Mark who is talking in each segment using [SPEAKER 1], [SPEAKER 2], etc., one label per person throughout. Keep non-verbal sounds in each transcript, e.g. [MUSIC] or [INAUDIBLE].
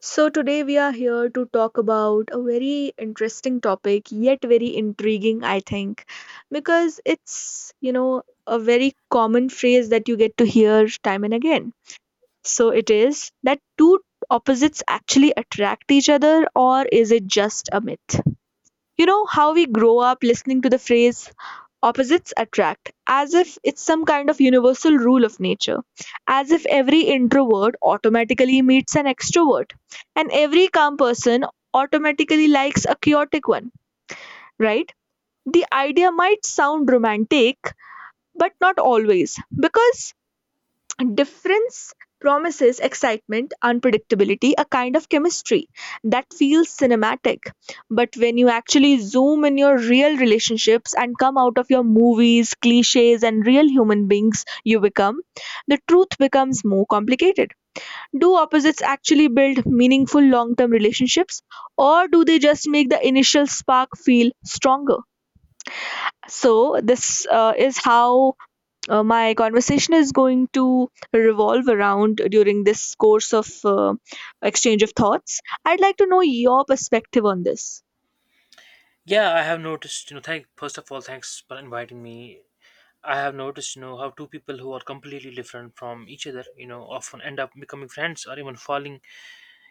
[SPEAKER 1] So, today we are here to talk about a very interesting topic, yet very intriguing, I think, because it's, you know, a very common phrase that you get to hear time and again. So, it is that two opposites actually attract each other, or is it just a myth? You know, how we grow up listening to the phrase Opposites attract, as if it's some kind of universal rule of nature, as if every introvert automatically meets an extrovert, and every calm person automatically likes a chaotic one, right? The idea might sound romantic, but not always, because difference promises excitement, unpredictability, a kind of chemistry that feels cinematic. But when you actually zoom in your real relationships and come out of your movies, cliches, and real human beings you become, the truth becomes more complicated. Do opposites actually build meaningful long term relationships, or do they just make the initial spark feel stronger? So, this is how my conversation is going to revolve around during this course of exchange of thoughts. I'd like to know your perspective on this.
[SPEAKER 2] Yeah, I have noticed, thank first of all, thanks for inviting me. I have noticed, how two people who are completely different from each other, often end up becoming friends or even falling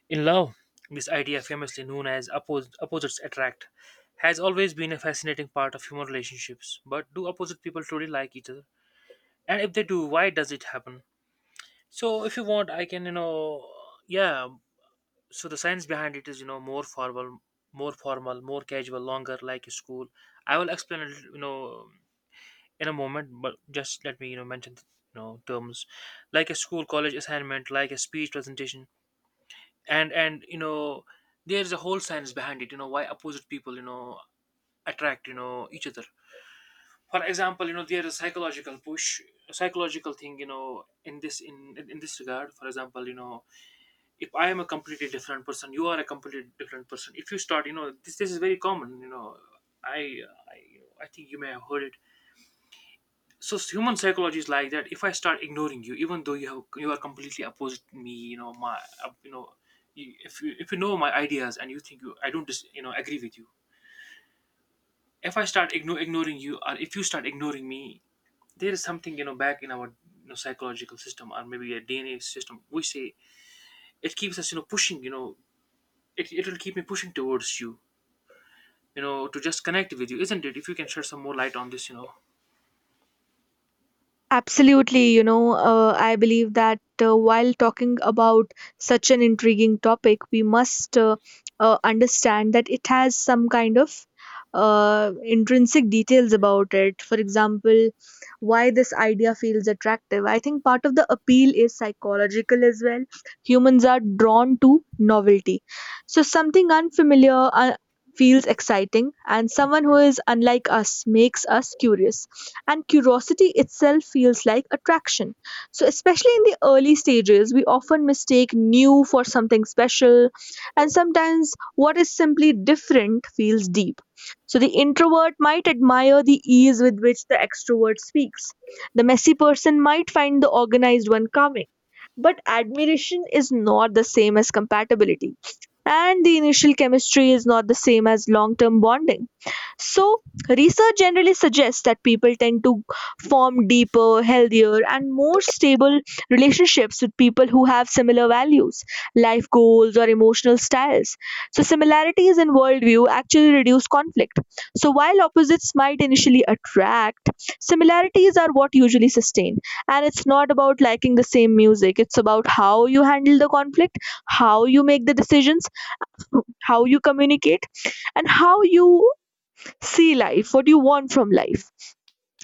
[SPEAKER 2] in love. This idea, famously known as opposites attract, has always been a fascinating part of human relationships. But do opposite people truly like each other? And if they do, why does it happen? So, if you want, I can, yeah, so the science behind it is more formal, more casual, longer, like a school. I will explain it in a moment, but just let me mention terms like a school, college assignment, like a speech presentation. And there's a whole science behind it, why opposite people attract each other. For example, there is psychological push, psychological thing, in this regard. For example, if I am a completely different person, you are a completely different person. If you start, this is very common. I I, I think you may have heard it. So human psychology is like that. If I start ignoring you, even though you are completely opposite me, my, uh, you know if you know my ideas and you think you I don't agree with you. If I start ignoring you, or if you start ignoring me, there is something back in our psychological system, or maybe a DNA system, we say. It keeps us pushing. It will keep me pushing towards you, you know to just connect with you, isn't it? If you can shed some more light on this, you know.
[SPEAKER 1] Absolutely, you know, I believe that while talking about such an intriguing topic, we must understand that it has some kind of intrinsic details about it. For example, why this idea feels attractive. I think part of the appeal is psychological as well. Humans are drawn to novelty. So, something unfamiliar, feels exciting and someone who is unlike us makes us curious, and curiosity itself feels like attraction. So especially in the early stages we often mistake new for something special, and sometimes what is simply different feels deep. So the introvert might admire the ease with which the extrovert speaks, the messy person might find the organized one calming, but admiration is not the same as compatibility, and the initial chemistry is not the same as long term bonding. So, research generally suggests that people tend to form deeper, healthier, and more stable relationships with people who have similar values, life goals, or emotional styles. So, similarities in worldview actually reduce conflict. So, while opposites might initially attract, similarities are what usually sustain. And it's not about liking the same music, it's about how you handle the conflict, how you make the decisions, how you communicate, and how you see life, what you want from life.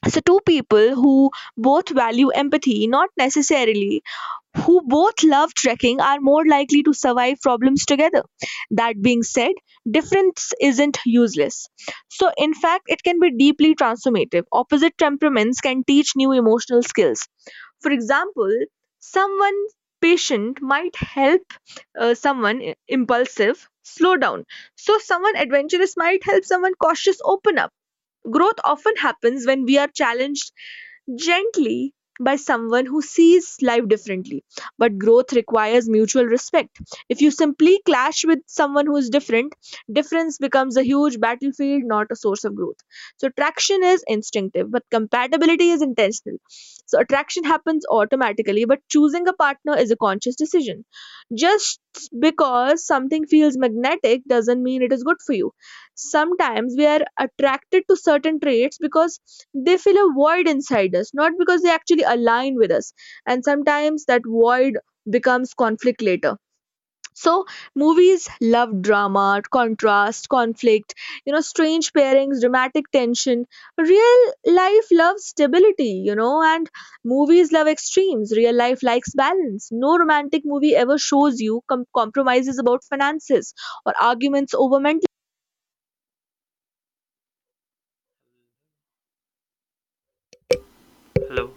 [SPEAKER 1] So two people who both value empathy, not necessarily who both love trekking, are more likely to survive problems together. That being said, difference isn't useless, so in fact it can be deeply transformative. Opposite temperaments can teach new emotional skills. For example, someone patient might help someone impulsive slow down. So someone adventurous might help someone cautious open up. Growth often happens when we are challenged gently by someone who sees life differently. But growth requires mutual respect. If you simply clash with someone who is different, difference becomes a huge battlefield, not a source of growth. So, attraction is instinctive, but compatibility is intentional. So, attraction happens automatically, but choosing a partner is a conscious decision. Just because something feels magnetic doesn't mean it is good for you. Sometimes we are attracted to certain traits because they fill a void inside us, not because they actually align with us. And sometimes that void becomes conflict later. So, movies love drama, contrast, conflict, you know, strange pairings, dramatic tension. Real life loves stability, you know, and movies love extremes. Real life likes balance. No romantic movie ever shows you compromises about finances or arguments over mental,
[SPEAKER 2] hello.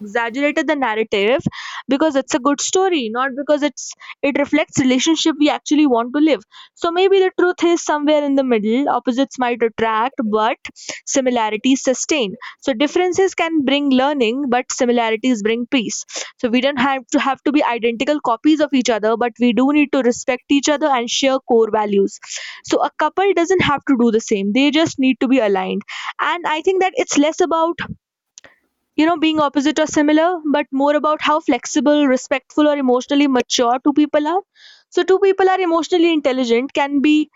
[SPEAKER 1] exaggerated the narrative because it's a good story not because it reflects relationship we actually want to live. So maybe the truth is somewhere in the middle. Opposites might attract, but similarities sustain. So differences can bring learning, but similarities bring peace. So we don't have to be identical copies of each other, but we do need to respect each other and share core values. So a couple doesn't have to do the same, they just need to be aligned. And I think that it's less about, you know, being opposite or similar, but more about how flexible, respectful, or emotionally mature two people are. So, two people are emotionally intelligent, can be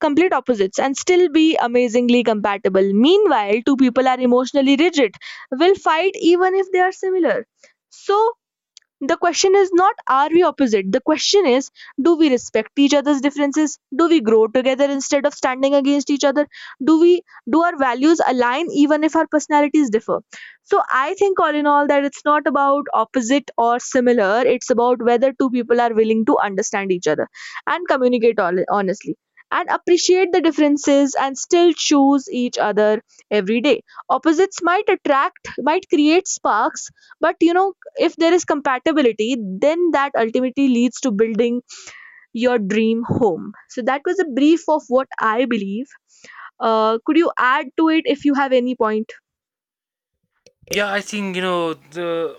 [SPEAKER 1] complete opposites, and still be amazingly compatible. Meanwhile, two people are emotionally rigid, will fight even if they are similar. So, the question is not are we opposite, the question is, do we respect each other's differences, do we grow together instead of standing against each other, do we, do our values align even if our personalities differ? So I think all in all that it's not about opposite or similar, it's about whether two people are willing to understand each other and communicate honestly and appreciate the differences and still choose each other every day. Opposites might attract, might create sparks, but you know, if there is compatibility then that ultimately leads to building your dream home. So that was a brief of what I believe. Could you add to it if you have any point?
[SPEAKER 2] Yeah, I think the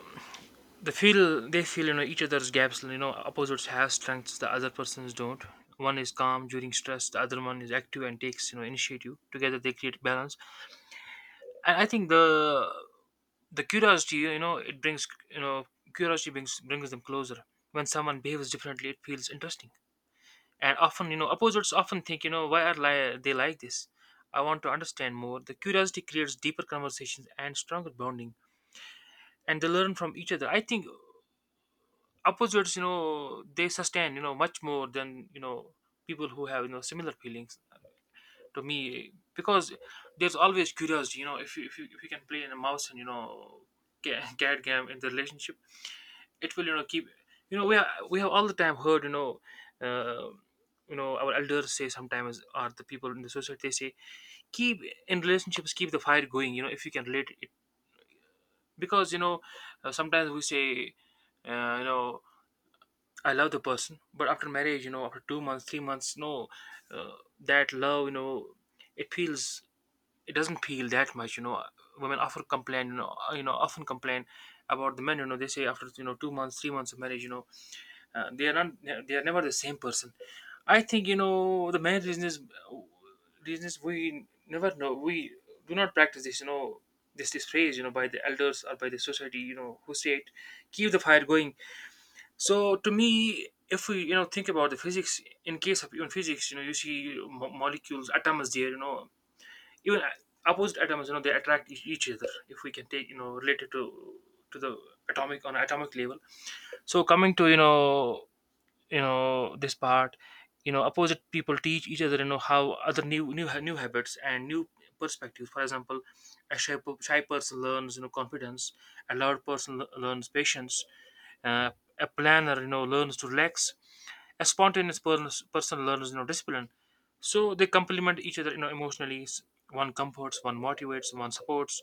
[SPEAKER 2] the feel they feel each other's gaps. Opposites have strengths the other persons don't. One is calm during stress, the other one is active and takes initiative. Together they create balance. And I think the curiosity, it brings, curiosity brings them closer. When someone behaves differently, it feels interesting. And often, opposites often think, why are they like this? I want to understand more. The curiosity creates deeper conversations and stronger bonding. And they learn from each other. I think opposites, they sustain, much more than, people who have, similar feelings to me, because there's always curiosity. If you, if you can play in a mouse and, [LAUGHS] cat game in the relationship, it will, keep. We have, all the time heard, uh, our elders say sometimes, or the people in the society, they say, keep, in relationships, keep the fire going, if you can relate it. Because, sometimes we say, uh, you know I love the person, but after marriage, after 2 months, 3 months, no, uh, that love, it feels, it doesn't feel that much, you know. Women often complain, often complain about the men, they say after, 2 months, 3 months of marriage, they are not, they are never the same person. I think, the main reason is we never know, we do not practice this, this phrase, by the elders or by the society, who say it, keep the fire going. So to me, if we, think about the physics, in case of even physics, you see molecules, atoms there, even opposite atoms, they attract each other, if we can take, related to the atomic, on atomic level. So coming to, this part, opposite people teach each other, how other, new habits and new perspectives. For example, a shy, shy person learns, confidence. A loud person learns patience. uh, a planner, learns to relax. A spontaneous person learns, discipline. So they complement each other, emotionally. One comforts, one motivates, one supports,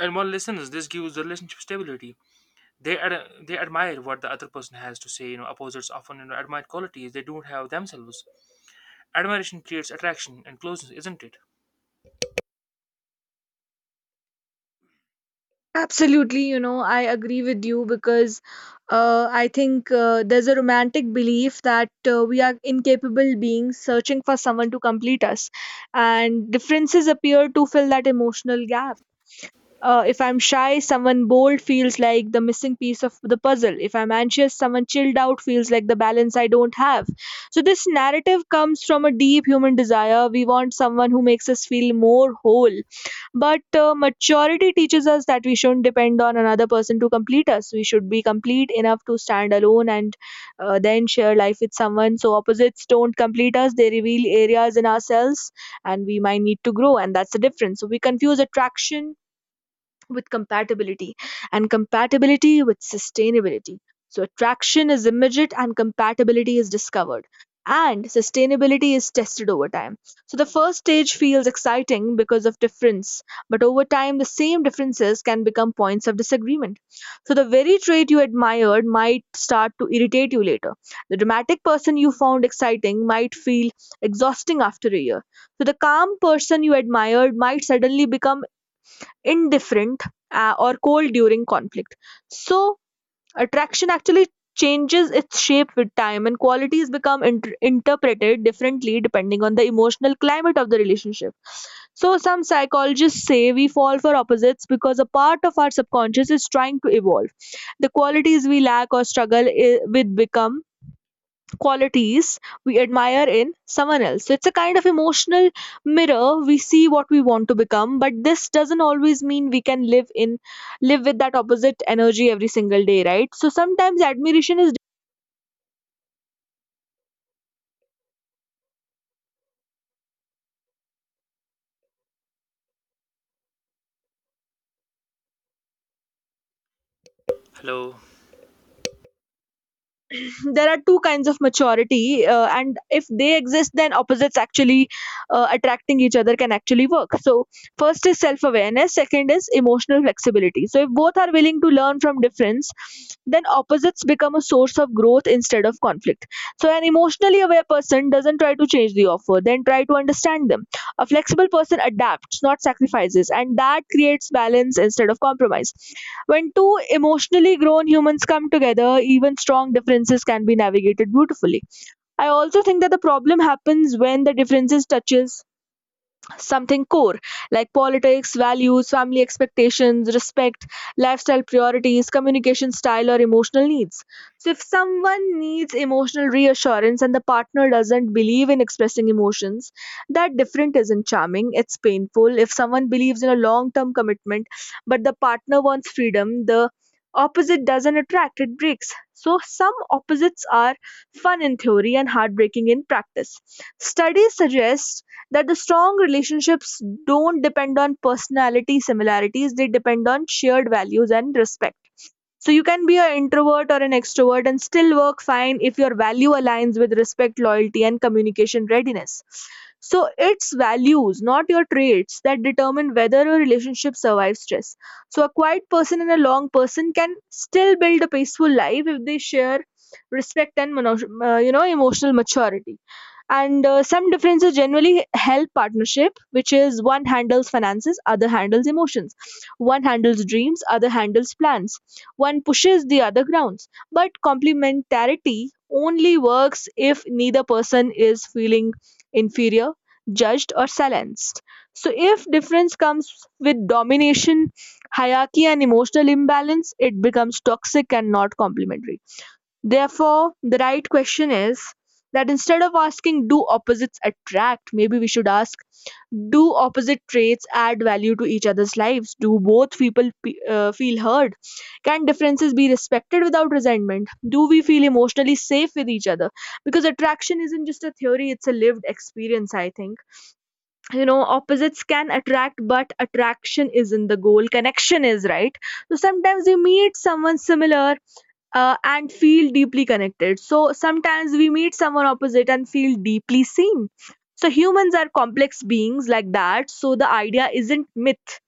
[SPEAKER 2] and one listens. This gives the relationship stability. They they admire what the other person has to say. Opposites often, admire qualities they don't have themselves. Admiration creates attraction and closeness, isn't it?
[SPEAKER 1] Absolutely, you know, I agree with you because I think there's a romantic belief that we are incapable beings searching for someone to complete us, and differences appear to fill that emotional gap. If I'm shy, someone bold feels like the missing piece of the puzzle. If I'm anxious, someone chilled out feels like the balance I don't have. So, this narrative comes from a deep human desire. We want someone who makes us feel more whole. But maturity teaches us that we shouldn't depend on another person to complete us. We should be complete enough to stand alone and then share life with someone. So, opposites don't complete us, they reveal areas in ourselves and we might need to grow, and that's the difference. So, we confuse attraction with compatibility and compatibility with sustainability. So, attraction is immediate and compatibility is discovered, and sustainability is tested over time. So, the first stage feels exciting because of difference, but over time, the same differences can become points of disagreement. So, the very trait you admired might start to irritate you later. The dramatic person you found exciting might feel exhausting after a year. So, the calm person you admired might suddenly become indifferent, or cold during conflict. So, attraction actually changes its shape with time, and qualities become interpreted differently depending on the emotional climate of the relationship. So, some psychologists say we fall for opposites because a part of our subconscious is trying to evolve. The qualities we lack or struggle with become qualities we admire in someone else. So it's a kind of emotional mirror. We see what we want to become, but this doesn't always mean we can live with that opposite energy every single day, right? So sometimes admiration is
[SPEAKER 2] Hello.
[SPEAKER 1] [LAUGHS] there are two kinds of maturity, and if they exist then opposites actually attracting each other can actually work. So first is self awareness, second is emotional flexibility. So if both are willing to learn from difference, then opposites become a source of growth instead of conflict. So an emotionally aware person doesn't try to change the offer, then try to understand them. A flexible person adapts, not sacrifices, and that creates balance instead of compromise. When two emotionally grown humans come together, even strong differences can be navigated beautifully. I also think that the problem happens when the differences touches something core, like politics, values, family expectations, respect, lifestyle priorities, communication style, or emotional needs. So, if someone needs emotional reassurance and the partner doesn't believe in expressing emotions, that different isn't charming, it's painful. If someone believes in a long term commitment but the partner wants freedom, the opposite doesn't attract, it breaks. So, some opposites are fun in theory and heartbreaking in practice. Studies suggest that the strong relationships don't depend on personality similarities, they depend on shared values and respect. So you can be an introvert or an extrovert and still work fine if your value aligns with respect, loyalty, and communication readiness. So it's values, not your traits, that determine whether a relationship survives stress. So a quiet person and a long person can still build a peaceful life if they share respect and you know, emotional maturity. And some differences generally help partnership, which is one handles finances, other handles emotions, one handles dreams, other handles plans, one pushes, the other grounds. But complementarity only works if neither person is feeling inferior, judged, or silenced. So, if difference comes with domination, hierarchy, and emotional imbalance, it becomes toxic and not complementary. Therefore, the right question is that instead of asking, do opposites attract? Maybe we should ask, do opposite traits add value to each other's lives? Do both people feel heard? Can differences be respected without resentment? Do we feel emotionally safe with each other? Because attraction isn't just a theory, it's a lived experience, I think. You know, opposites can attract, but attraction isn't the goal, connection is, right? So sometimes you meet someone similar and feel deeply connected. So sometimes we meet someone opposite and feel deeply seen. So humans are complex beings like that. So the idea isn't myth.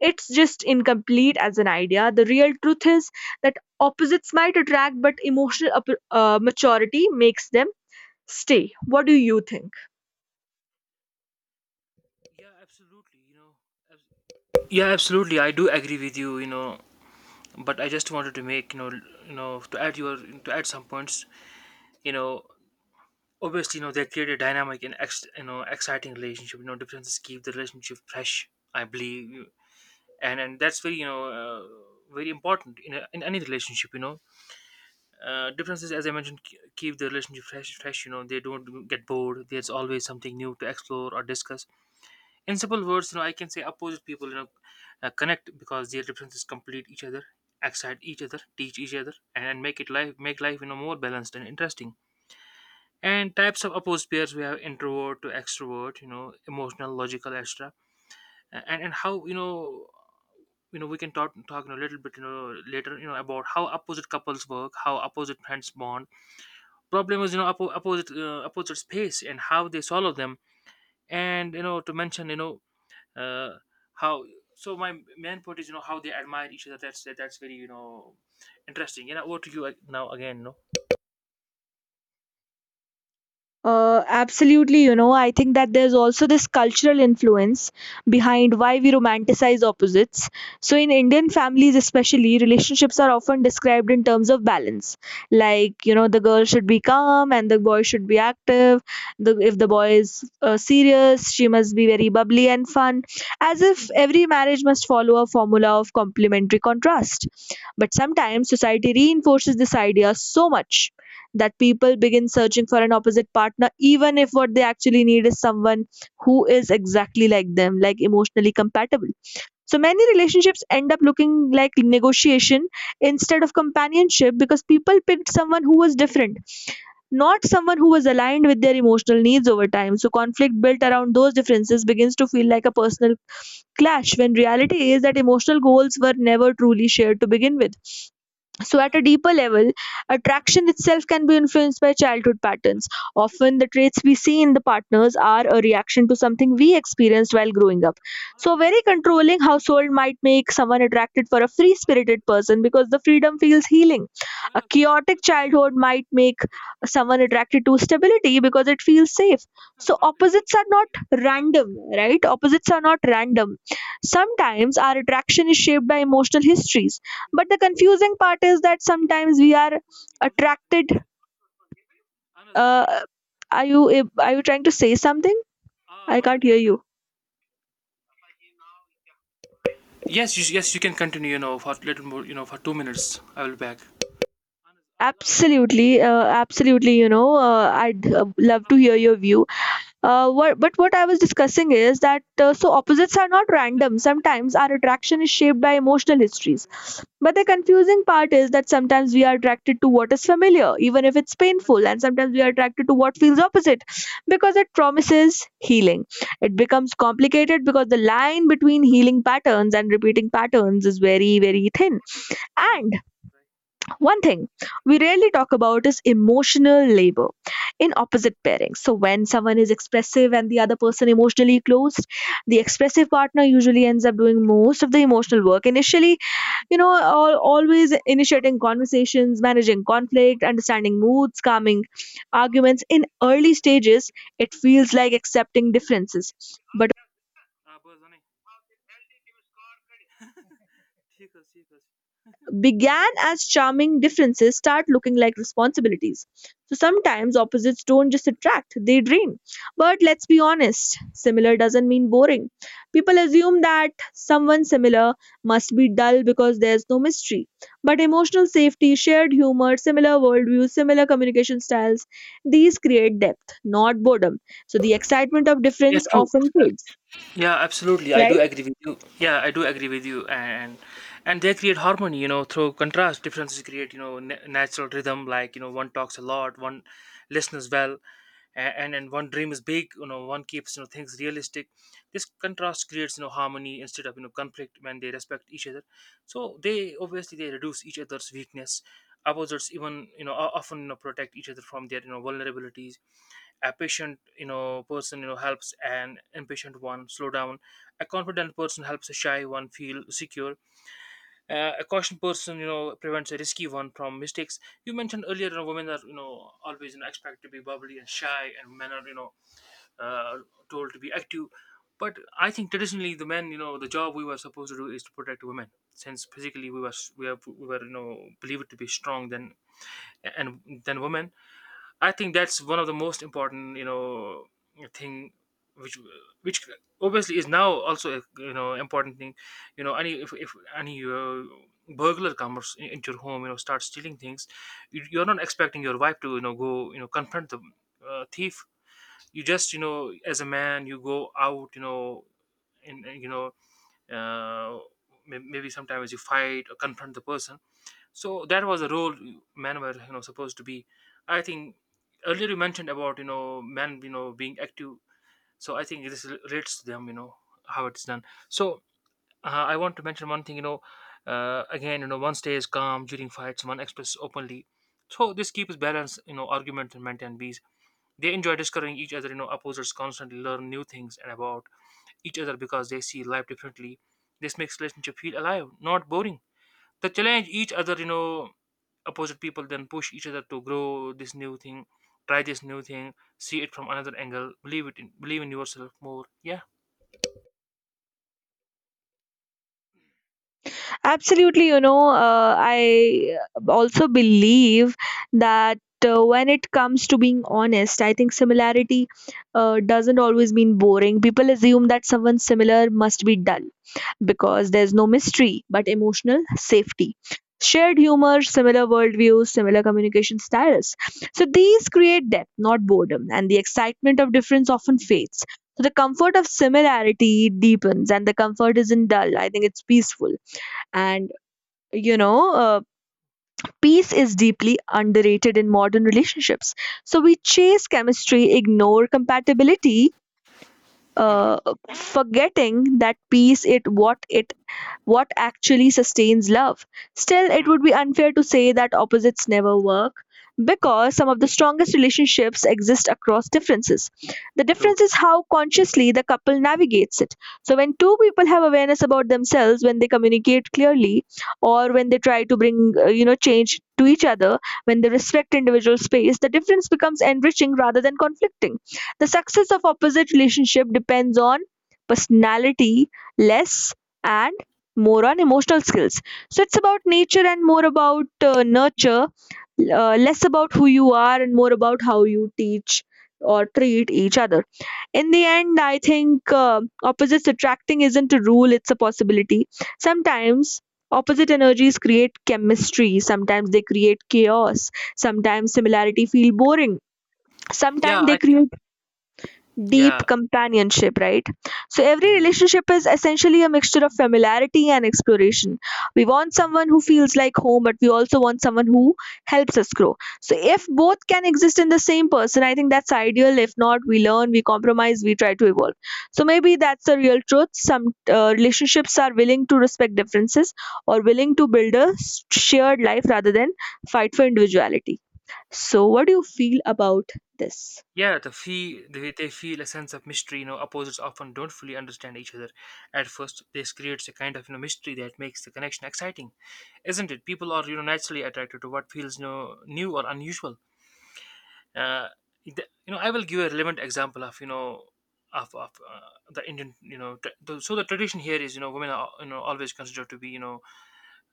[SPEAKER 1] It's just incomplete as an idea. The real truth is that opposites might attract, but emotional maturity makes them stay. What do you think?
[SPEAKER 2] Yeah, absolutely, abs- yeah, absolutely, I do agree with you, you know but I just wanted to make, to add your, to add some points, you know obviously, they create a dynamic and exciting relationship. Differences keep the relationship fresh, I believe. And that's very, very important in, in any relationship, differences, as I mentioned, keep the relationship fresh. Fresh, they don't get bored. There's always something new to explore or discuss. In simple words, I can say opposite people, connect because their differences complete each other, excite each other, teach each other, and make life, more balanced and interesting. And types of opposite pairs, we have introvert to extrovert, emotional, logical, extra, and how, we can talk, a little bit, later, about how opposite couples work, how opposite friends bond, problem was, opposite, opposite space and how they solve them. And, to mention, uh, how, so my main point is, how they admire each other. That's very, interesting. Over to you, now again, no.
[SPEAKER 1] Absolutely, you know, I think that there's also this cultural influence behind why we romanticize opposites. So, in Indian families, especially, relationships are often described in terms of balance. Like, you know, the girl should be calm and the boy should be active. The, if the boy is serious, she must be very bubbly and fun, as if every marriage must follow a formula of complementary contrast. But sometimes society reinforces this idea so much that people begin searching for an opposite partner, even if what they actually need is someone who is exactly like them, like emotionally compatible. So many relationships end up looking like negotiation instead of companionship because people picked someone who was different, not someone who was aligned with their emotional needs over time. So conflict built around those differences begins to feel like a personal clash when reality is that emotional goals were never truly shared to begin with. So, at a deeper level, attraction itself can be influenced by childhood patterns. Often, the traits we see in the partners are a reaction to something we experienced while growing up. So, a very controlling household might make someone attracted for a free spirited person because the freedom feels healing. A chaotic childhood might make someone attracted to stability because it feels safe.
[SPEAKER 2] Buttons,
[SPEAKER 1] So,
[SPEAKER 2] buttons,
[SPEAKER 1] opposites are not
[SPEAKER 2] buttons.
[SPEAKER 1] random, right? Opposites are not random. Sometimes, our attraction is shaped by emotional histories, but the confusing part is that sometimes we are attracted uh, are you are you trying to say something? I can't hear you.
[SPEAKER 2] Yes, you can continue. For little more. For 2 minutes, I will be back.
[SPEAKER 1] Absolutely, absolutely, you know, I'd love to hear your view. But what I was discussing is that so opposites are not random. Sometimes our attraction is shaped by emotional histories. But the confusing part is that sometimes we are attracted to what is familiar, even if it's painful, and sometimes we are attracted to what feels opposite because it promises healing. It becomes complicated because the line between healing patterns and repeating patterns is very, very thin. And one thing we rarely talk about is emotional labor in opposite pairings. So, when someone is expressive and the other person emotionally closed, the expressive partner usually ends up doing most of the emotional work. Initially, you know, always initiating conversations, managing conflict, understanding moods, calming arguments. In early stages, it feels like accepting differences. But began as charming differences start looking like responsibilities. So sometimes opposites don't just attract, they drain. But let's be honest, similar doesn't mean boring. People assume that someone similar must be dull because there's no mystery. But emotional safety, shared humor, similar worldviews, similar communication styles, these create depth, not boredom. So the excitement of
[SPEAKER 2] Yes,
[SPEAKER 1] difference
[SPEAKER 2] true.
[SPEAKER 1] often fades,
[SPEAKER 2] Yeah, absolutely. I do
[SPEAKER 1] right?
[SPEAKER 2] agree with you. Yeah, I do agree with you. And they create harmony, through contrast. Differences create, na natural rhythm. Like, one talks a lot, one listens well. And one dream is big. One keeps, things realistic. This contrast creates, harmony instead of, conflict, when they respect each other. So they, obviously they reduce each other's weakness. Opposites even, often, protect each other from their, vulnerabilities. A patient, person, helps an impatient one slow down. A confident person helps a shy one feel secure. A cautious person, prevents a risky one from mistakes. You mentioned earlier, women are, always, expected to be bubbly and shy, and men are, uh, told to be active. But I think traditionally, the men, the job we were supposed to do is to protect women, since physically we were, we were, believed to be strong than women. I think that's one of the most important, thing, which which obviously is now also a, important thing. Any, if any, burglar comes into your home, starts stealing things, you're not expecting your wife to, go, confront the, thief. You just, as a man, you go out, you know and, you know uh, maybe sometimes you fight or confront the person. So that was the role men were, supposed to be. I think earlier you mentioned about, men, being active. So I think this relates to them, how it's done. So, I want to mention one thing, again, one stays calm during fights, one expresses openly. So this keeps balance, argument and men and bees. They enjoy discovering each other, opposers constantly learn new things and about each other, because they see life differently. This makes relationship feel alive, not boring. They challenge each other, opposite people then push each other to grow. This new thing, try this new thing, see it from another angle, believe in yourself more. Yeah.
[SPEAKER 1] Absolutely, you know, I also believe that when it comes to being honest, I think similarity doesn't always mean boring. People assume that someone similar must be dull because there's no mystery, but emotional safety. Shared humor, similar worldviews, similar communication styles. So these create depth, not boredom, and the excitement of difference often fades. So the comfort of similarity deepens, and the comfort isn't dull. I think it's peaceful and you know uh, peace is deeply underrated in modern relationships, so we chase chemistry ignore compatibility,
[SPEAKER 2] Mhm.
[SPEAKER 1] uh, forgetting that peace it what actually sustains love. Still, it
[SPEAKER 2] Mhm.
[SPEAKER 1] would be unfair to say that opposites never work
[SPEAKER 2] Mhm.
[SPEAKER 1] because some of the strongest relationships exist across differences. The
[SPEAKER 2] True.
[SPEAKER 1] difference is how consciously the couple navigates it. So, when two people have awareness about themselves, when they communicate clearly, or when they try to bring, you know, change to each other, when they respect individual space, the difference becomes enriching rather than conflicting. The success of opposite relationship depends on personality less and more on emotional skills. So it's about nature and more about nurture, less about who you are and more about how you teach or treat each other. In the end, I think opposites attracting isn't a rule, it's a possibility. Sometimes opposite energies create chemistry, sometimes they create chaos, sometimes similarity feel boring.
[SPEAKER 2] Yeah,
[SPEAKER 1] Sometimes they
[SPEAKER 2] I think.
[SPEAKER 1] create deep
[SPEAKER 2] Yeah.
[SPEAKER 1] companionship, right? So every
[SPEAKER 2] Mhm.
[SPEAKER 1] relationship is essentially a mixture of familiarity and exploration. We want
[SPEAKER 2] Mhm.
[SPEAKER 1] someone who feels like home, but we also want someone who helps us grow. So if both can exist in the same person, I think that's ideal. If not, we learn, we compromise, we try to evolve. So maybe that's the real truth. Some relationships are willing to respect differences or willing to build a shared life rather than fight for individuality. So what do you feel about this?
[SPEAKER 2] Yeah, they feel a sense of mystery, you know, opposites often don't fully understand each other at first. This creates a kind of, you know, mystery that makes the connection exciting, isn't it? People are, you know, naturally attracted to what feels, you know, new or unusual. uh, I will give a relevant example of, you know, of the Indian, you know, so the tradition here is, you know, women are, you know, always considered to be, you know,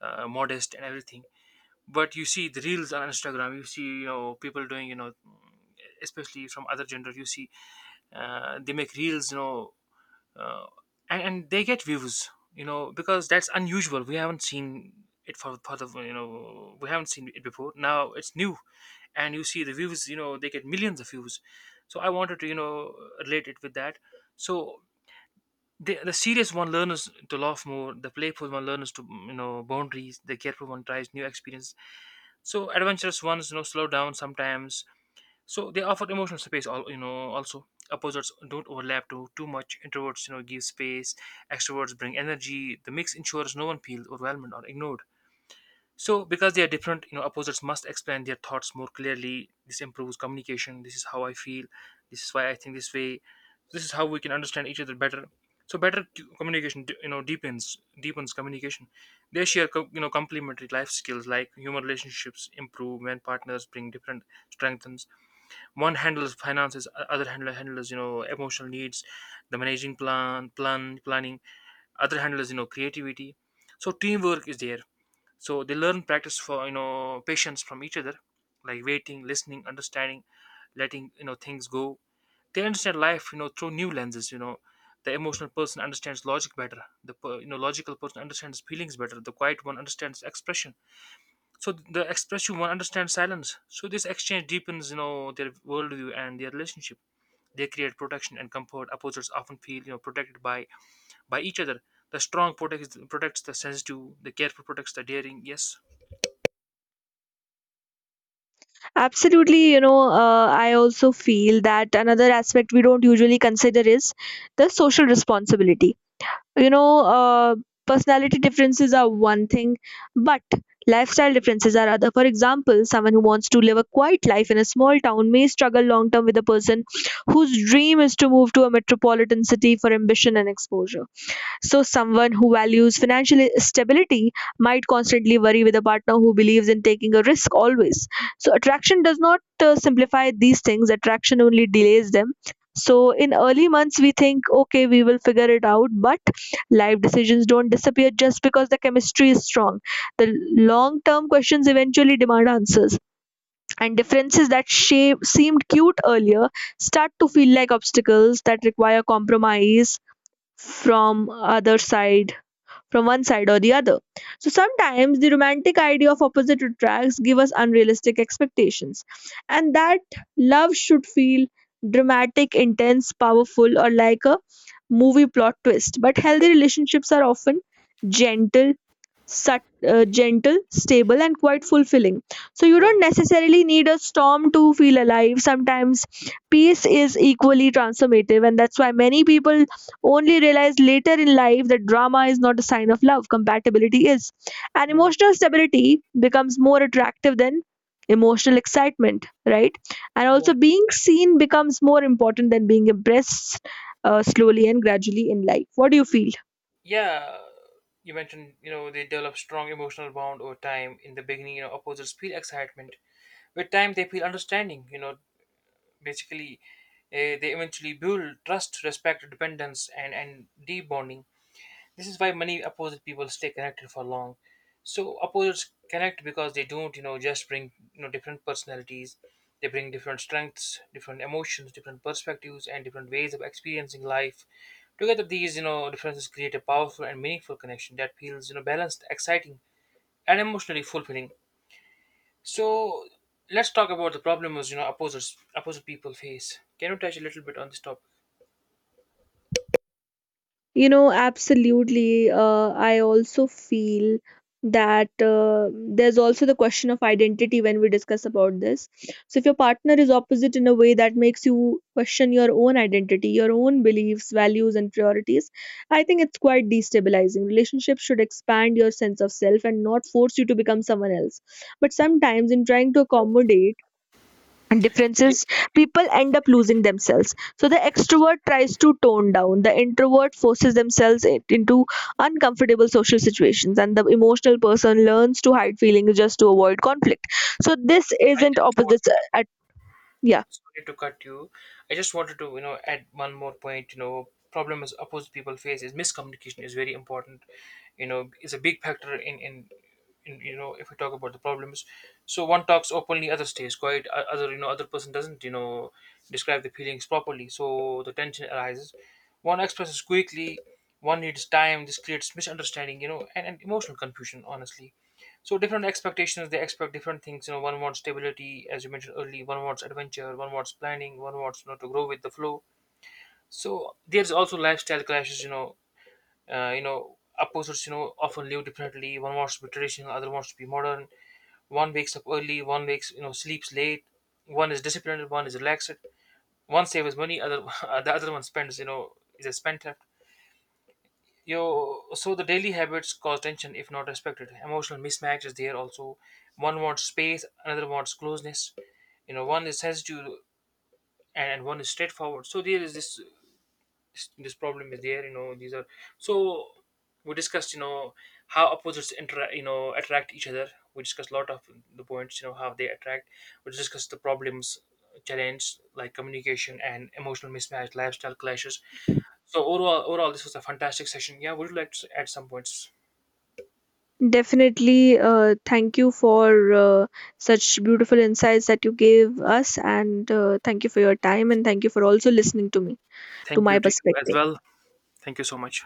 [SPEAKER 2] modest and everything. But you see the reels on Instagram, you see, you know, people doing, you know, especially from other gender, you see, they make reels, you know. uh, and they get views, you know, because that's unusual. We haven't seen it for the you know we haven't seen it before. Now it's new, and you see the views, you know, they get millions of views. So I wanted to, you know, relate it with that. So the serious one learns to laugh more, the playful one learns to, you know, boundaries, the careful one tries new experience, so adventurous ones, you know, slow down sometimes. So they offer emotional space, all, you know, also opposites don't overlap too much. Introverts, you know, give space, extroverts bring energy. The mix ensures no one feels overwhelmed or ignored. So, because they are different, you know, opposites must explain their thoughts more clearly. This improves communication. This is how I feel. This is why I think this way. This is how we can understand each other better. So, better communication, deepens communication. They share, complementary life skills. Like human relationships improve when partners bring different strengths. One handles finances, other handler handles, you know, emotional needs, the managing planning. Other handles, you know, creativity. So, teamwork is there. So they learn, practice for, you know, patience from each other, like waiting, listening, understanding, letting, you know, things go. They understand life, you know, through new lenses, you know. The emotional person understands logic better, the logical person understands feelings better, the quiet one understands expression, so the expressive one understands silence. So this exchange deepens, you know, their worldview and their relationship. They create protection and comfort. Opposites often feel, you know, protected by each other. The strong protects the sensitive, the careful protects the daring. Yes.
[SPEAKER 1] Absolutely, you know, I also feel that another aspect we don't usually consider is the social responsibility. you know uh, Personality differences are one thing, but lifestyle differences are other. For example, someone who wants to live a quiet life in a small town may struggle long term with a person whose dream is to move to a metropolitan city for ambition and exposure. So, someone who values financial stability might constantly worry with a partner who believes in taking a risk always. So, attraction does not simplify these things, attraction only delays them. So, in early months, we think, okay, we will figure it out, but life decisions don't disappear just because the chemistry is strong. The long term questions eventually demand answers, and differences that shape, seemed cute earlier start to feel like obstacles that require compromise from other side from one side or the other. So sometimes the romantic idea of opposite attracts give us unrealistic expectations. And that love should feel dramatic, intense, powerful or like a movie plot twist. But healthy relationships are often gentle, sat- gentle, stable, and quite fulfilling. So you
[SPEAKER 2] True.
[SPEAKER 1] don't necessarily need a storm to feel alive. Sometimes peace is equally transformative, and that's why many people only realize later in life that drama is not a sign of love, compatibility is. And emotional stability becomes more attractive than emotional excitement, right? And
[SPEAKER 2] Yeah,
[SPEAKER 1] also, being seen becomes more important than being impressed, slowly and gradually in life. What do you feel?
[SPEAKER 2] yeah. You mentioned, you know, they develop strong emotional bond over time. In the beginning, you know, opposers feel excitement. With time, they feel understanding. You know, basically, they eventually build trust, respect, dependence, and deep bonding. This is why many opposite people stay connected for long. So opposites connect because they don't, you know, just bring, you know, different personalities. They bring different strengths, different emotions, different perspectives, and different ways of experiencing life. Together, these, you know, differences create a powerful and meaningful connection that feels, you know, balanced, exciting, and emotionally fulfilling. So let's talk about the problems, you know, opposite people face. Can you touch a little bit on this topic?
[SPEAKER 1] You know, absolutely. I also feel that there's also the question of identity when we discuss about this. So, if your partner is opposite in a way that makes you question your own identity, your own beliefs, values, and priorities, I think it's quite destabilizing. Relationships should expand your sense of self and not force you to become someone else. But sometimes, in trying to accommodate, and
[SPEAKER 2] Yeah,
[SPEAKER 1] differences, people end up losing themselves. So the extrovert tries to tone down, the introvert forces themselves into uncomfortable social situations, and the emotional person learns to hide feelings just to avoid conflict. So this
[SPEAKER 2] I
[SPEAKER 1] isn't
[SPEAKER 2] just
[SPEAKER 1] opposites
[SPEAKER 2] wanted,
[SPEAKER 1] at, yeah.
[SPEAKER 2] sorry to cut you. I just wanted to, you know, add one more point. You know, problem is opposite people face is miscommunication is very important. You know, is a big factor in you know if we talk about the problems. So one talks openly, other stays quiet. Other, you know, other person doesn't, you know, describe the feelings properly. So the tension arises. One expresses quickly. One needs time. This creates misunderstanding. You know, and emotional confusion. Honestly, so different expectations, they expect different things. You know, one wants stability, as you mentioned earlier. One wants adventure. One wants planning. One wants, you know, to grow with the flow. So there's also lifestyle clashes. You know, you know, opposites, you know, often live differently. One wants to be traditional. Other wants to be modern. One wakes up early. One wakes, you know, sleeps late. One is disciplined. One is relaxed. One saves money. Other [LAUGHS] the other one spends. You know, is a spender. You so the daily habits cause tension if not respected. Emotional mismatch is there also. One wants space, another wants closeness. You know, one is sensitive and one is straightforward. So there is this, this problem is there, you know. These are, so we discussed, you know, how opposites interact, you know, attract each other. We discussed a lot of the points, you know, how they attract. We discussed the problems, challenge, like communication and emotional mismatch, lifestyle clashes. So overall this was a fantastic session. Yeah, would you like to add some points?
[SPEAKER 1] Definitely, thank you for uh, such beautiful insights that you gave us, and thank you for your time, and thank you for also listening to me, to
[SPEAKER 2] Thank
[SPEAKER 1] my
[SPEAKER 2] you to you as
[SPEAKER 1] perspective.
[SPEAKER 2] well. Thank you so much.